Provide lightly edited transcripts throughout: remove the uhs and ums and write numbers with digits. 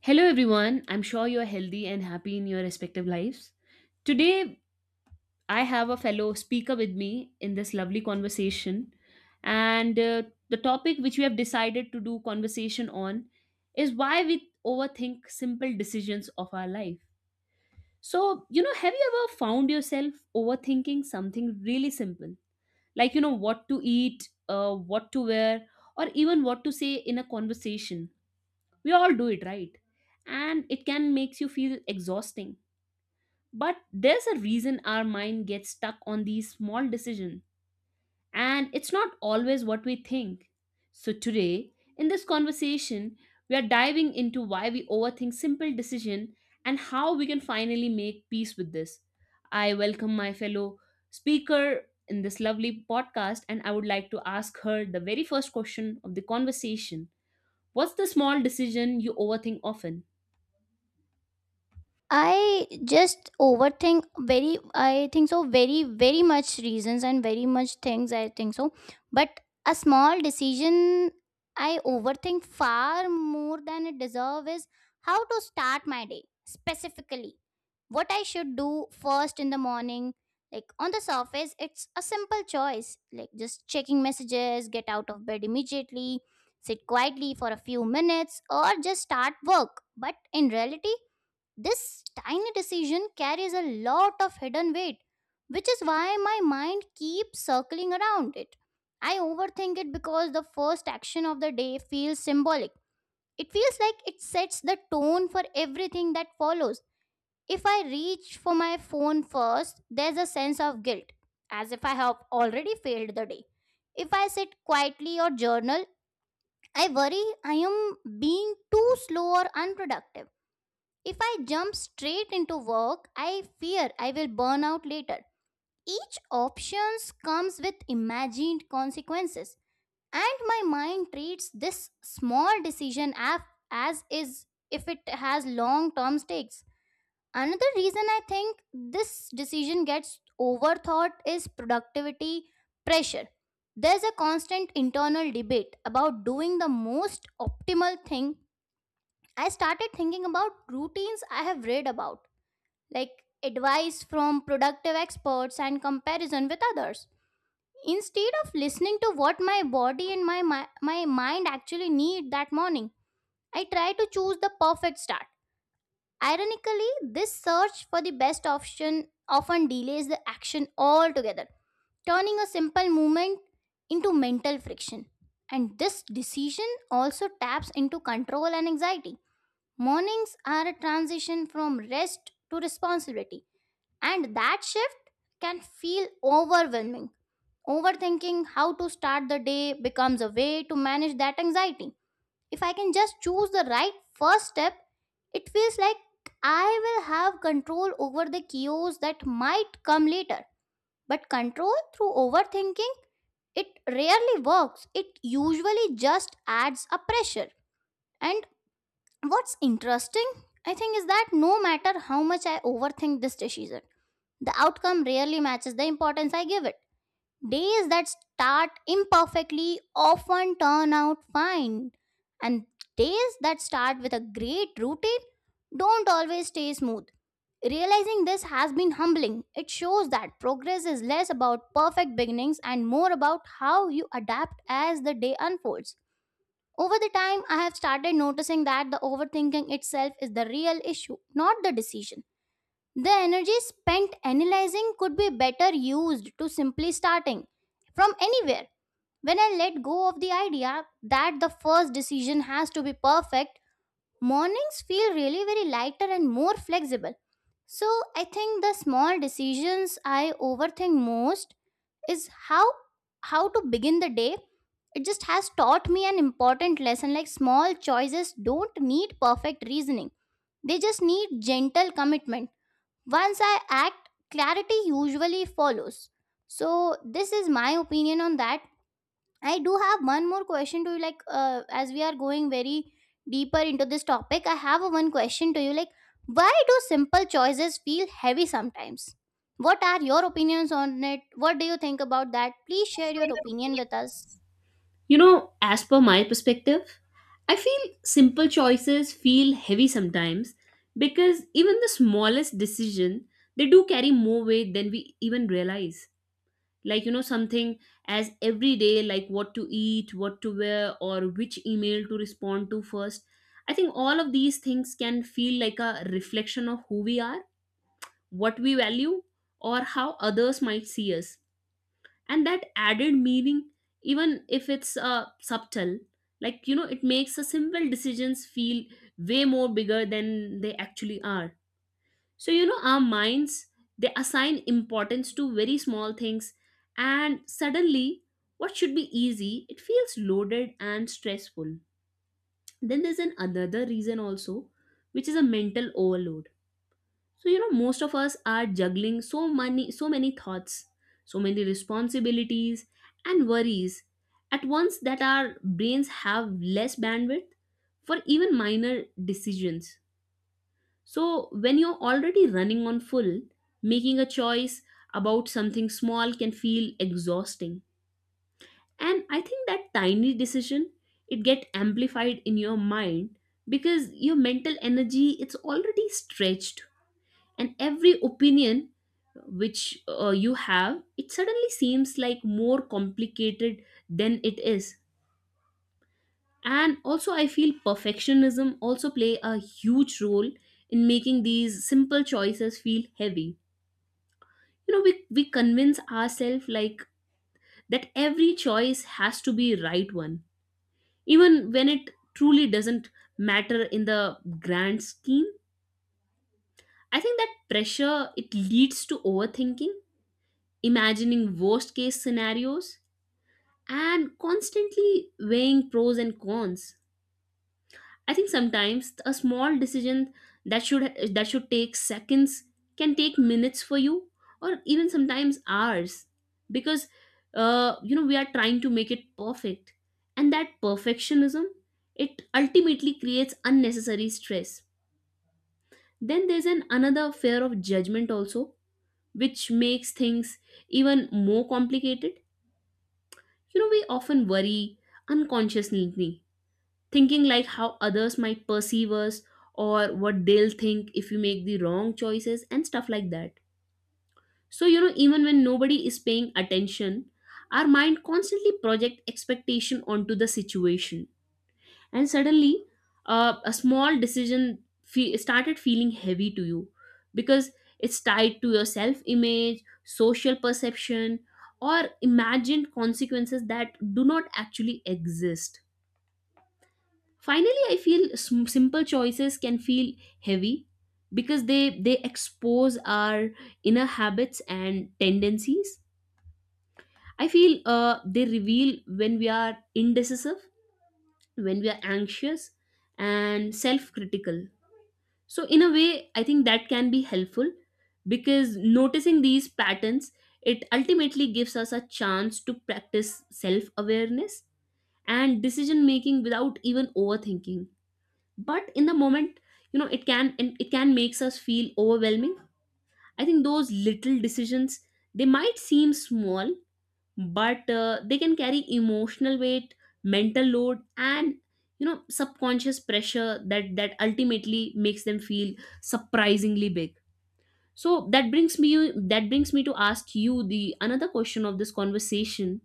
Hello, everyone. I'm sure you're healthy and happy in your respective lives. Today, I have a fellow speaker with me in this lovely conversation. And The topic which we have decided to do conversation on is why we overthink simple decisions of our life. So, you know, have you ever found yourself overthinking something really simple? Like, you know, what to eat, what to wear, or even what to say in a conversation? We all do it, right? And it can makes you feel exhausting, but there's a reason our mind gets stuck on these small decisions, and it's not always what we think. So today, in this conversation, we are diving into why we overthink simple decision and how we can finally make peace with this. I welcome my fellow speaker in this lovely podcast, and I would like to ask her the very first question of the conversation. What's the small decision you overthink often? I just overthink very I think so very very much reasons and very much things I think so, but a small decision I overthink far more than it deserve is how to start my day. Specifically, what I should do first in the morning, like on the surface it's a simple choice, like just checking messages, get out of bed immediately, sit quietly for a few minutes or just start work. But in reality, this tiny decision carries a lot of hidden weight, which is why my mind keeps circling around it. I overthink it because the first action of the day feels symbolic. It feels like it sets the tone for everything that follows. If I reach for my phone first, there's a sense of guilt, as if I have already failed the day. If I sit quietly or journal, I worry I am being too slow or unproductive. If I jump straight into work, I fear I will burn out later. Each options comes with imagined consequences, and my mind treats this small decision as is if it has long term stakes. Another reason I think this decision gets overthought is productivity pressure. There's a constant internal debate about doing the most optimal thing. I started thinking about routines I have read about, like advice from productive experts and comparison with others. Instead of listening to what my body and my mind actually need that morning, I try to choose the perfect start. Ironically, this search for the best option often delays the action altogether, turning a simple movement into mental friction. And this decision also taps into control and anxiety. Mornings are a transition from rest to responsibility, and that shift can feel overwhelming. Overthinking how to start the day becomes a way to manage that anxiety. If I can just choose the right first step, it feels like I will have control over the chaos that might come later. But control through overthinking, it rarely works. It usually just adds a pressure. And what's interesting, I think, is that no matter how much I overthink this decision, the outcome rarely matches the importance I give it. Days that start imperfectly often turn out fine, and days that start with a great routine don't always stay smooth. Realizing this has been humbling. It shows that progress is less about perfect beginnings and more about how you adapt as the day unfolds. Over the time, I have started noticing that the overthinking itself is the real issue, not the decision. The energy spent analyzing could be better used to simply starting from anywhere. When I let go of the idea that the first decision has to be perfect, mornings feel really very lighter and more flexible. So I think the small decisions I overthink most is how to begin the day. It just has taught me an important lesson, like small choices don't need perfect reasoning. They just need gentle commitment. Once I act, clarity usually follows. So, this is my opinion on that. I do have one more question to you. Like, as we are going very deeper into this topic, I have a one question to you. Like, why do simple choices feel heavy sometimes? What are your opinions on it? What do you think about that? Please share your opinion with us. You know, as per my perspective, I feel simple choices feel heavy sometimes because even the smallest decision, they do carry more weight than we even realize. Like, you know, something as everyday, like what to eat, what to wear, or which email to respond to first. I think all of these things can feel like a reflection of who we are, what we value, or how others might see us, and that added meaning, even if it's subtle, like, you know, it makes the simple decisions feel way more bigger than they actually are. So, you know, our minds, they assign importance to very small things, and suddenly what should be easy, it feels loaded and stressful. Then there's an another reason also, which is a mental overload. So, you know, most of us are juggling so many so many thoughts, so many responsibilities and worries at once that our brains have less bandwidth for even minor decisions. So when you're already running on full, making a choice about something small can feel exhausting. And I think that tiny decision, it get amplified in your mind because your mental energy, it's already stretched, and every opinion which you have, it suddenly seems like more complicated than it is. And also, I feel perfectionism also play a huge role in making these simple choices feel heavy. You know, we convince ourselves like that every choice has to be right one, even when it truly doesn't matter in the grand scheme. I think that pressure, it leads to overthinking, imagining worst case scenarios, and constantly weighing pros and cons. I think sometimes a small decision that should take seconds can take minutes for you, or even sometimes hours, because you know, we are trying to make it perfect, and that perfectionism, it ultimately creates unnecessary stress. Then there's an another fear of judgment also, which makes things even more complicated. You know, we often worry unconsciously, thinking like how others might perceive us or what they'll think if we make the wrong choices and stuff like that. So, you know, even when nobody is paying attention, our mind constantly project expectation onto the situation. And suddenly, a started feeling heavy to you because it's tied to your self image, social perception, or imagined consequences that do not actually exist. Finally, I feel simple choices can feel heavy because they expose our inner habits and tendencies. I feel they reveal when we are indecisive, when we are anxious and self-critical. So in a way, I think that can be helpful because noticing these patterns, it ultimately gives us a chance to practice self-awareness and decision making without even overthinking. But in the moment, you know, it can, and it can makes us feel overwhelming. I think those little decisions, they might seem small, but they can carry emotional weight, mental load, and, you know, subconscious pressure that ultimately makes them feel surprisingly big. So that brings me to ask you the another question of this conversation,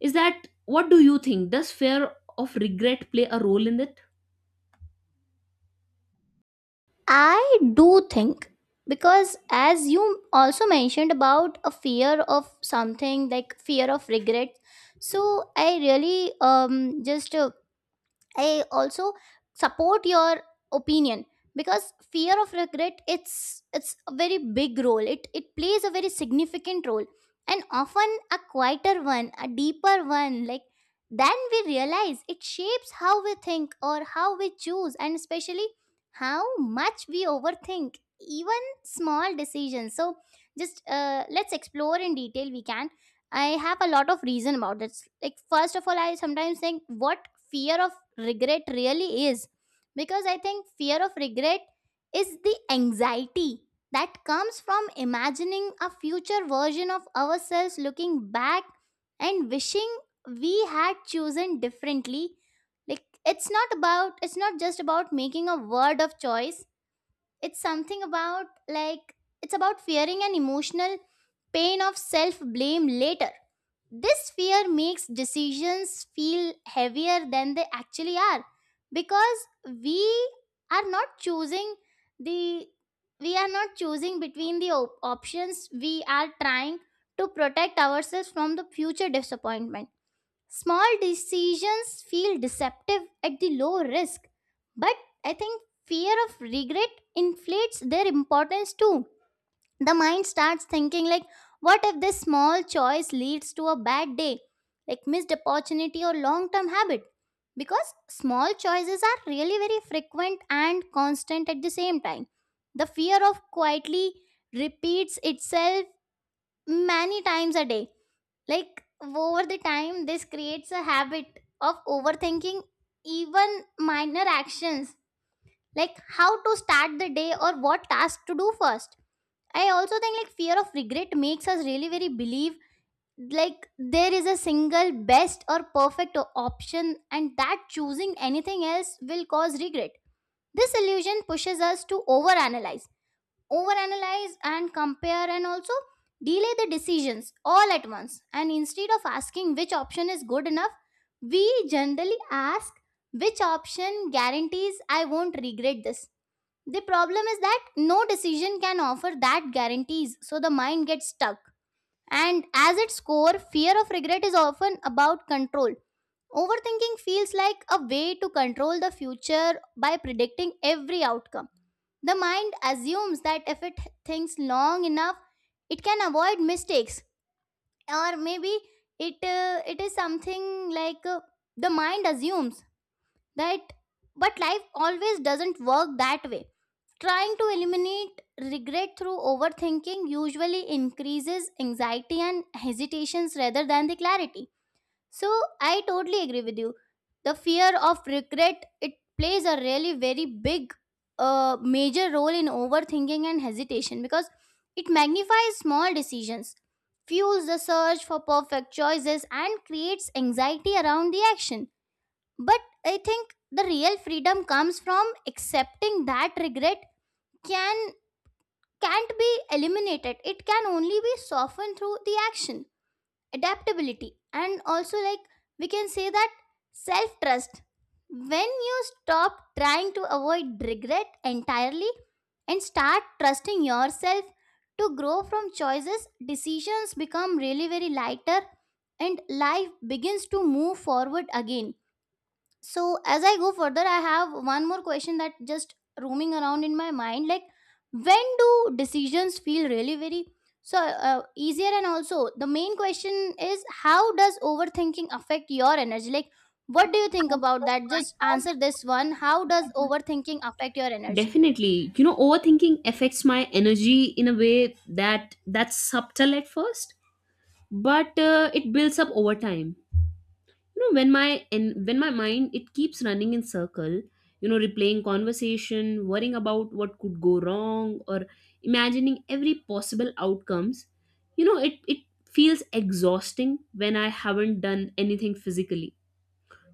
is that what do you think, does fear of regret play a role in this? I do think, because as you also mentioned about a fear of something like fear of regret, so I really just I also support your opinion, because fear of regret, it's a very big role. It plays a very significant role, and often a quieter one, a deeper one like then we realize. It shapes how we think or how we choose, and especially how much we overthink even small decisions. So, just let's explore in detail we can. I have a lot of reason about this. Like first of all, I sometimes think what fear of regret really is, because I think fear of regret is the anxiety that comes from imagining a future version of ourselves looking back and wishing we had chosen differently. Like, it's not just about making a word of choice. It's something about, like, it's about fearing an emotional pain of self blame later. This fear makes decisions feel heavier than they actually are, because we are not choosing the we are not choosing between the options. We are trying to protect ourselves from the future disappointment. Small decisions feel deceptive at the low risk, but I think fear of regret inflates their importance too. The mind starts thinking like, what if this small choice leads to a bad day, like missed opportunity or long term habit? Because small choices are really very frequent and constant at the same time, the fear of quietly repeats itself many times a day. Like over the time this creates a habit of overthinking even minor actions, like how to start the day or what task to do first. I also think like fear of regret makes us really very believe like there is a single best or perfect option, and that choosing anything else will cause regret. This illusion pushes us to overanalyze, overanalyze and compare and also delay the decisions all at once. And instead of asking which option is good enough, we generally ask which option guarantees I won't regret this. The problem is that no decision can offer that guarantees, so the mind gets stuck. And as its core, fear of regret is often about control. Overthinking feels like a way to control the future by predicting every outcome. The mind assumes that if it thinks long enough, it can avoid mistakes, or maybe it it is something like the mind assumes that, but life always doesn't work that way. Trying to eliminate regret through overthinking usually increases anxiety and hesitations rather than the clarity. So I totally agree with you. The fear of regret, it plays a really very big major role in overthinking and hesitation, because it magnifies small decisions, fuels the search for perfect choices and creates anxiety around the action. But I think the real freedom comes from accepting that regret can can't be eliminated. It can only be softened through the action, adaptability, and also like we can say that self-trust. When you stop trying to avoid regret entirely and start trusting yourself to grow from choices, decisions become really very lighter and life begins to move forward again. So as I go further, I have one more question that just roaming around in my mind, like when do decisions feel really very, easier? And also the main question is, how does overthinking affect your energy? Like what do you think about that? Just answer this one. How does overthinking affect your energy? Definitely. You know, overthinking affects my energy in a way that's subtle at first, but it builds up over time. You know, when my and when my mind, it keeps running in circle, you know, replaying conversation, worrying about what could go wrong, or imagining every possible outcomes. You know, it feels exhausting when I haven't done anything physically.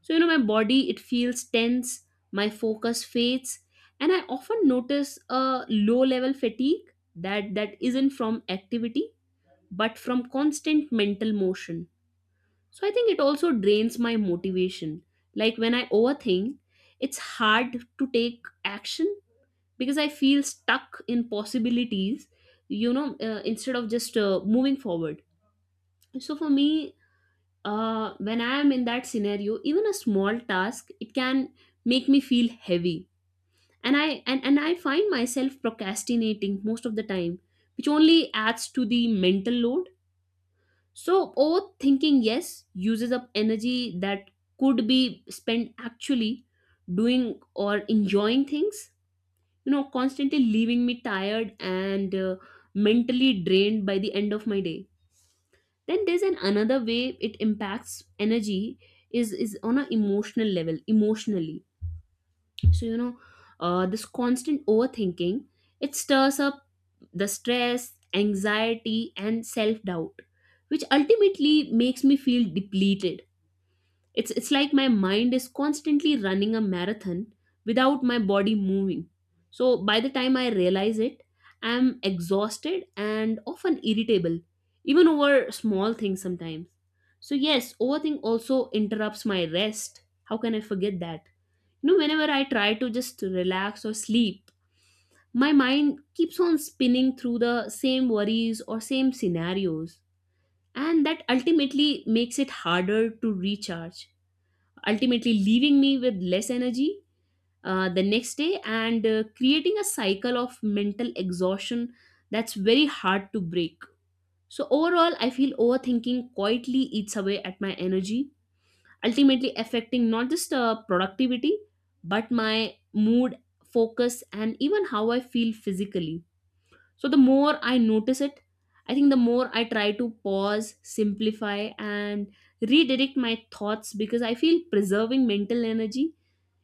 So, you know, my body, it feels tense, my focus fades, and I often notice a low level fatigue that isn't from activity but from constant mental motion. So, I think it also drains my motivation. Like when I overthink, it's hard to take action because I feel stuck in possibilities, you know, instead of just moving forward. So, for me, when I am in that scenario, even a small task, it can make me feel heavy. And I find myself procrastinating most of the time, which only adds to the mental load. So overthinking, yes, uses up energy that could be spent actually doing or enjoying things. You know, constantly leaving me tired and mentally drained by the end of my day. Then there's an another way it impacts energy is on an emotional level, emotionally. So, you know, this constant overthinking, it stirs up the stress, anxiety, and self-doubt, which ultimately makes me feel depleted. It's like my mind is constantly running a marathon without my body moving. So by the time I realize it, I'm exhausted and often irritable, even over small things sometimes. So, yes, overthink also interrupts my rest. How can I forget that? You know, whenever I try to just relax or sleep, my mind keeps on spinning through the same worries or same scenarios, and that ultimately makes it harder to recharge, ultimately leaving me with less energy the next day, and creating a cycle of mental exhaustion that's very hard to break. So, overall, I feel overthinking quietly eats away at my energy, ultimately affecting not just productivity, but my mood, focus, and even how I feel physically. So, the more I notice it, I think the more I try to pause, simplify, and redirect my thoughts because I feel preserving mental energy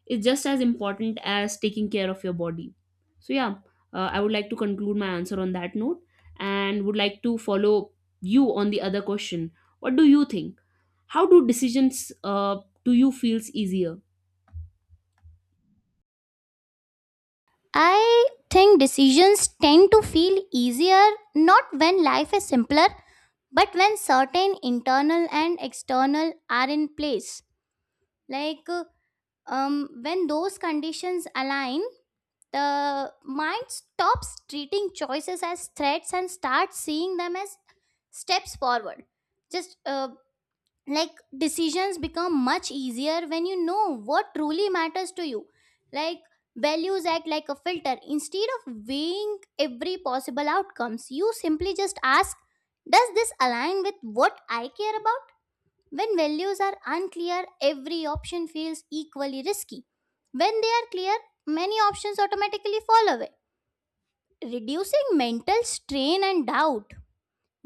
is just as important as taking care of your body. So, yeah, I would like to conclude my answer on that note and would like to follow you on the other question. What do you think? How do decisions do you feels easier? I think decisions tend to feel easier not when life is simpler, but when certain internal and external are in place. like uh, when those conditions align, the mind stops treating choices as threats and starts seeing them as steps forward. Just uh, like decisions become much easier when you know what truly matters to you. Like, values act like a filter. Instead of weighing every possible outcomes, you simply just ask, does this align with what I care about? When values are unclear, every option feels equally risky. When they are clear, many options automatically fall away, reducing mental strain and doubt.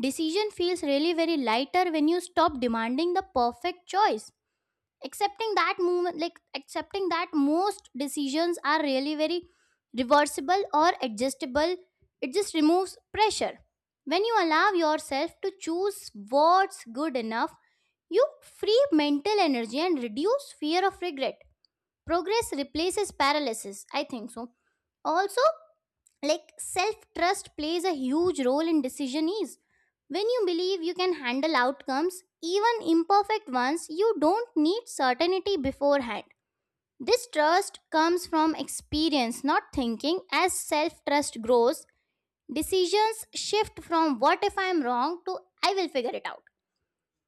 Decision feels really very lighter when you stop demanding the perfect choice. Accepting that movement, like accepting that most decisions are really very reversible or adjustable, it just removes pressure. When you allow yourself to choose what's good enough, you free mental energy and reduce fear of regret. Progress replaces paralysis, I think so. Also, like, self trust plays a huge role in decision ease. When you believe you can handle outcomes, even imperfect ones, you don't need certainty beforehand. This trust comes from experience, not thinking. As self trust grows, decisions shift from what if I'm wrong to I will figure it out.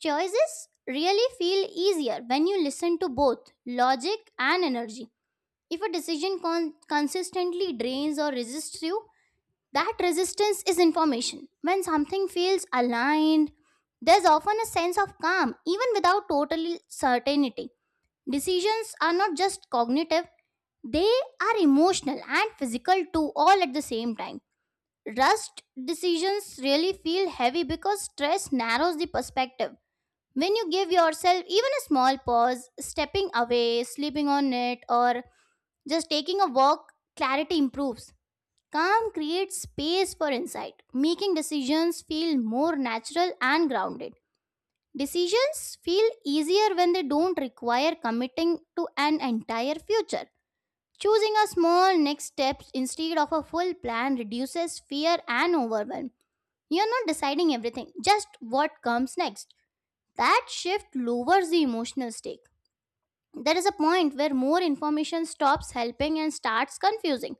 Choices really feel easier when you listen to both logic and energy. If a decision consistently drains or resists you, that resistance is information. When something feels aligned, there's often a sense of calm, even without total certainty. Decisions are not just cognitive, they are emotional and physical too, all at the same time. Rushed decisions really feel heavy because stress narrows the perspective. When you give yourself even a small pause, stepping away, sleeping on it, or just taking a walk, clarity improves. Calm creates space for insight, making decisions feel more natural and grounded. Decisions feel easier when they don't require committing to an entire future. Choosing a small next step instead of a full plan reduces fear and overwhelm. You're not deciding everything, just what comes next. That shift lowers the emotional stake. There is a point where more information stops helping and starts confusing.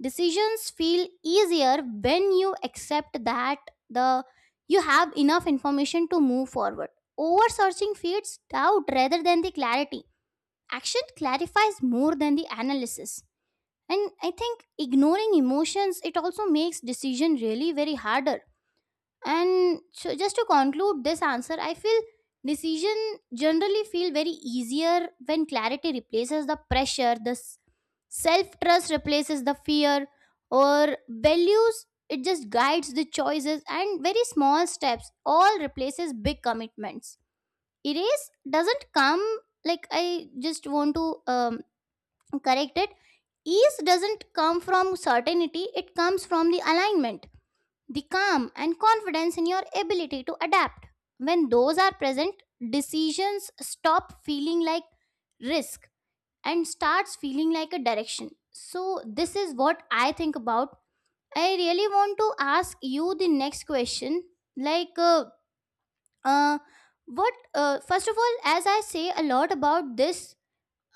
Decisions feel easier when you accept that the you have enough information to move forward. Over searching feeds doubt rather than the clarity. Action clarifies more than the analysis. And I think ignoring emotions it also makes decision really very harder. And so just to conclude this answer, I feel decision generally feel very easier when clarity replaces the pressure the Self trust replaces the fear or values, it just guides the choices and very small steps, all replaces big commitments. Erase doesn't come like I just want to correct it. Ease doesn't come from certainty, it comes from the alignment, the calm, and confidence in your ability to adapt. When those are present, decisions stop feeling like risk and starts feeling like a direction. So, this is what I think about. I really want to ask you the next question Like, uh, first of all, as I say a lot about this,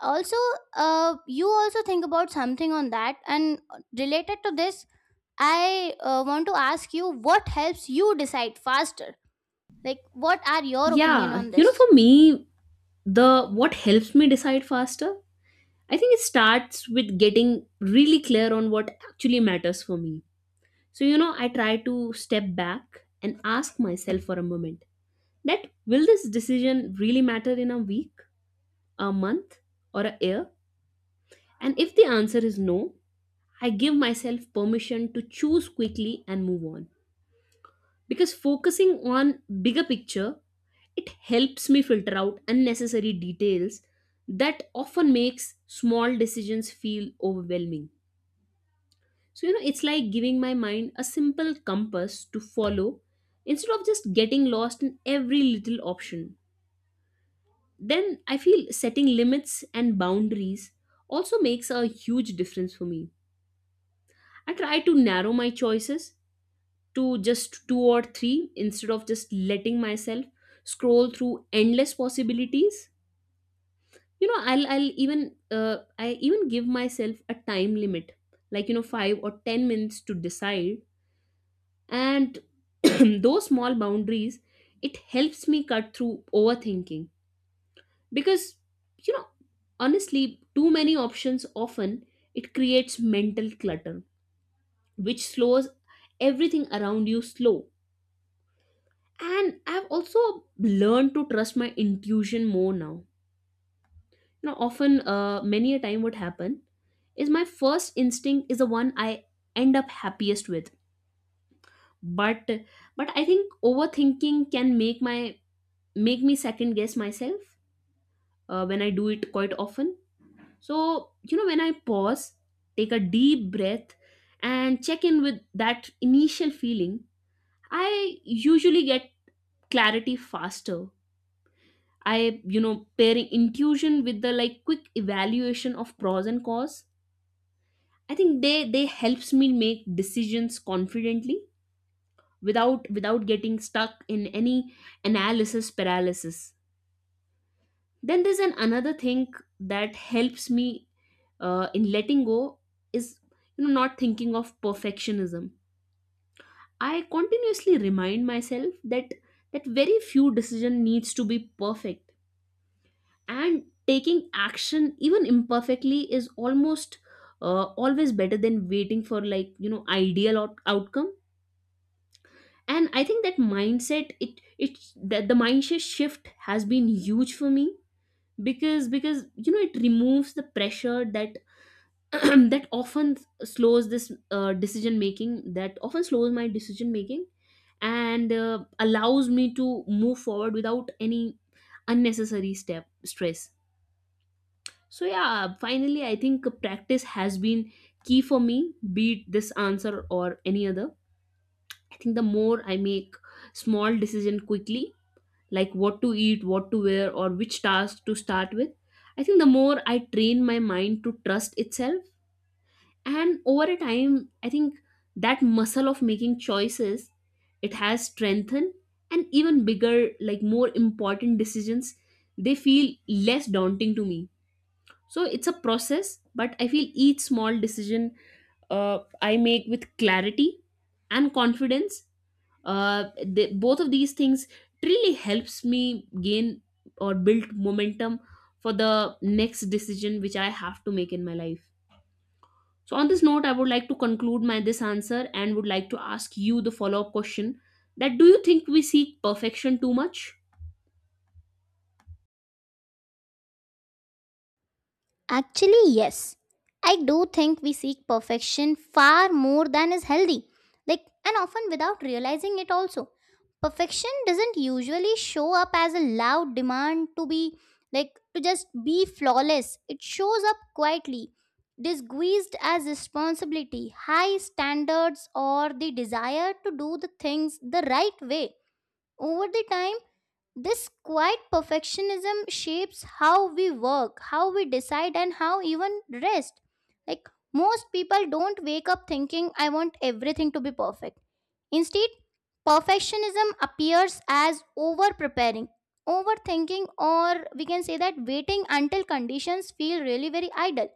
also, you also think about something on that, and related to this, I want to ask you what helps you decide faster? Like, what are your opinion Yeah, on you know, for this? me, the what helps me decide faster, I think it starts with getting really clear on what actually matters for me. So, you know, I try to step back and ask myself for a moment that will this decision really matter in a week? A month, or a year? And if the answer is no, I give myself permission to choose quickly and move on. Because focusing on bigger picture, it helps me filter out unnecessary details that often makes small decisions feel overwhelming. So, you know, it's like giving my mind a simple compass to follow instead of just getting lost in every little option. Then I feel setting limits and boundaries also makes a huge difference for me. I try to narrow my choices to just two or three instead of just letting myself scroll through endless possibilities. You know, I even give myself a time limit, like, you know, 5 or 10 minutes to decide. And those small boundaries, it helps me cut through overthinking because, you know, honestly, too many options often it creates mental clutter, which slows everything around you slow. And I've also learned to trust my intuition more now. Now, often many a time what happen is my first instinct is the one I end up happiest with, but but I think overthinking can make my make me second guess myself when I do it quite often. So, you know, when I pause, take a deep breath, and check in with that initial feeling, I usually get clarity faster. I, you know, pairing intuition with the like quick evaluation of pros and cons, I think they helps me make decisions confidently without getting stuck in any analysis paralysis. Then there's an another thing that helps me in letting go is, you know, not thinking of perfectionism. I continuously remind myself that very few decision needs to be perfect, and taking action even imperfectly is almost always better than waiting for, like, you know, ideal outcome. And I think that mindset, it that the mindset shift has been huge for me because, you know, it removes the pressure that that often that often slows my decision making and allows me to move forward without any unnecessary step stress. So yeah, finally I think practice has been key for me, be it this answer or any other. I think the more I make small decision quickly, like what to eat, what to wear, or which task to start with, I think the more I train my mind to trust itself, and over a time I think that muscle of making choices, it has strengthened, and even bigger, like more important decisions, they feel less daunting to me. So it's a process, but I feel each small decision I make with clarity and confidence, both of these things really helps me gain or build momentum for the next decision which I have to make in my life. So on this note, I would like to conclude my this answer and would like to ask you the follow up question, that do you think we seek perfection too much? Actually, yes. I do think we seek perfection far more than is healthy. Like, and often without realizing it also. Perfection doesn't usually show up as a loud demand to be, like, to just be flawless. It shows up quietly, disguised as responsibility, high standards, or the desire to do the things the right way. Over the time, this quiet perfectionism shapes how we work, how we decide, and how even rest. Like most people don't wake up thinking, I want everything to be perfect. Instead, perfectionism appears as over preparing, overthinking, or we can say that waiting until conditions feel really very idle.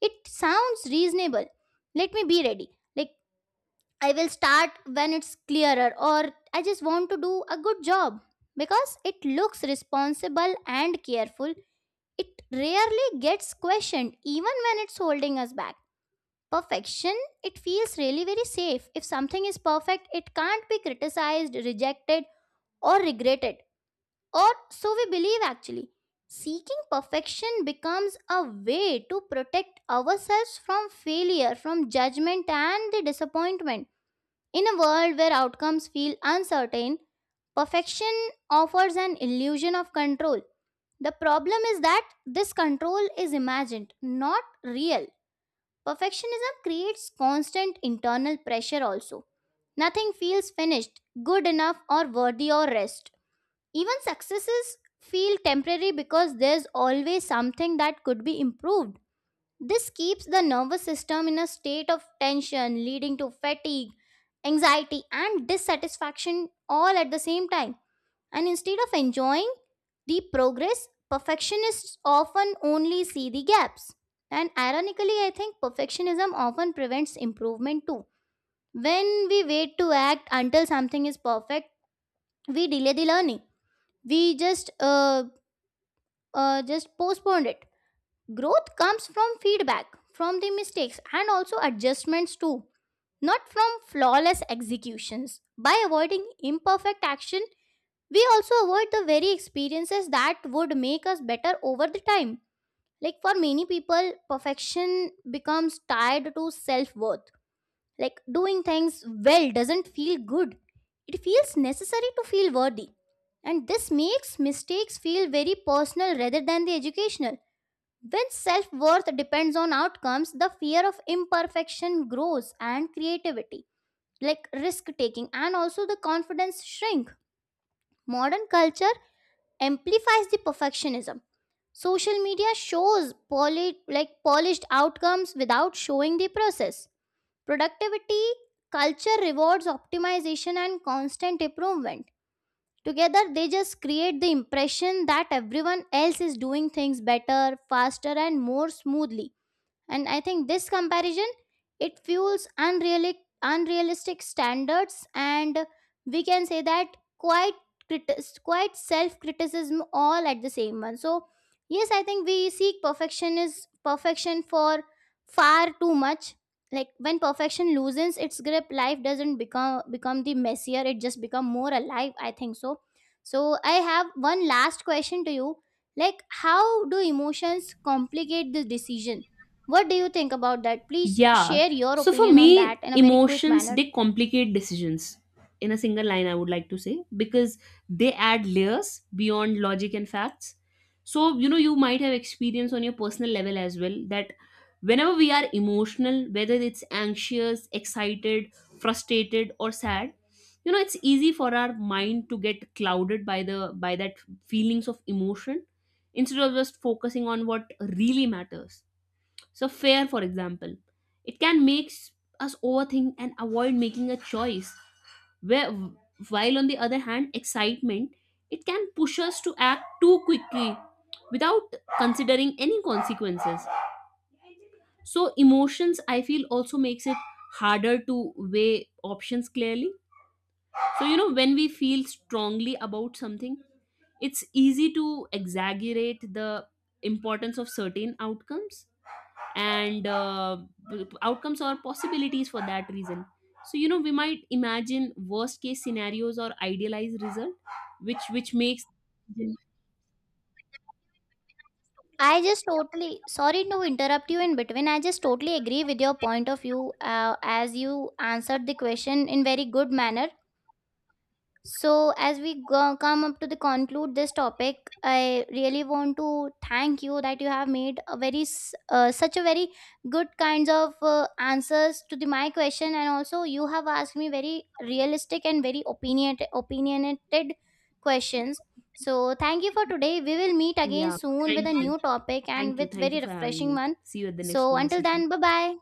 It sounds reasonable. Let me be ready. Like I will start when it's clearer, or I just want to do a good job because it looks responsible and careful. It rarely gets questioned, even when it's holding us back. Perfection, it feels really very safe. If something is perfect, it can't be criticized, rejected, or regretted. Or so we believe actually. Seeking perfection becomes a way to protect ourselves from failure, from judgment, and the disappointment in a world where outcomes feel uncertain, perfection offers an illusion of control. The problem is that this control is imagined, not real. Perfectionism creates constant internal pressure also. Nothing feels finished, good enough, or worthy or rest. Even successes feel temporary because there's always something that could be improved. This keeps the nervous system in a state of tension, leading to fatigue, anxiety, and dissatisfaction all at the same time. And instead of enjoying the progress, perfectionists often only see the gaps. And ironically, I think perfectionism often prevents improvement too. When we wait to act until something is perfect, we delay the learning. We just postpone it. Growth comes from feedback, from the mistakes, and also adjustments too, not from flawless executions. By avoiding imperfect action, we also avoid the very experiences that would make us better over the time. Like for many people, perfection becomes tied to self worth. Like doing things well doesn't feel good, it feels necessary to feel worthy. And this makes mistakes feel very personal rather than the educational when self worth depends on outcomes, the fear of imperfection grows and creativity, like risk taking, and also the confidence shrink. Modern culture amplifies the perfectionism. Social media shows like polished outcomes without showing the process. Productivity culture rewards optimization and constant improvement. Together, they just create the impression that everyone else is doing things better, faster, and more smoothly, and I think this comparison it fuels unrealistic standards and we can say that quite quite self criticism all at the same one. So yes, I think we seek perfection for far too much. Like when perfection loosens its grip, life doesn't become the messier, it just become more alive, I think so. So I have one last question to you, like how do emotions complicate the decision? What do you think about that? Please Yeah. share your So for opinion on that me, in a very quick emotions, manner. they complicate decisions. In a single line, I would like to say because they add layers beyond logic and facts. So, you know, you might have experience on your personal level as well that whenever we are emotional, whether it's anxious, excited, frustrated, or sad, you know, it's easy for our mind to get clouded by the by that feelings of emotion instead of just focusing on what really matters. So, fear, for example, it can make us overthink and avoid making a choice. Where, while on the other hand, excitement, it can push us to act too quickly without considering any consequences. So, emotions, I feel, also makes it harder to weigh options clearly. So, you know, when we feel strongly about something, it's easy to exaggerate the importance of certain outcomes and, outcomes or possibilities, for that reason. So, you know, we might imagine worst case scenarios or idealized result which makes. I just totally sorry to interrupt you in between. I just totally agree with your point of view as you answered the question in very good manner. So, as we go, come up to the conclude this topic, I really want to thank you that you have made a very such a very good kinds of answers to the my question, and also you have asked me very realistic and very opinionated questions. So, thank you for today. We will meet again Yeah, soon thank with a you. new topic and thank you with thank you very for having refreshing me. one. See you at the next So, until conversation. then, bye bye.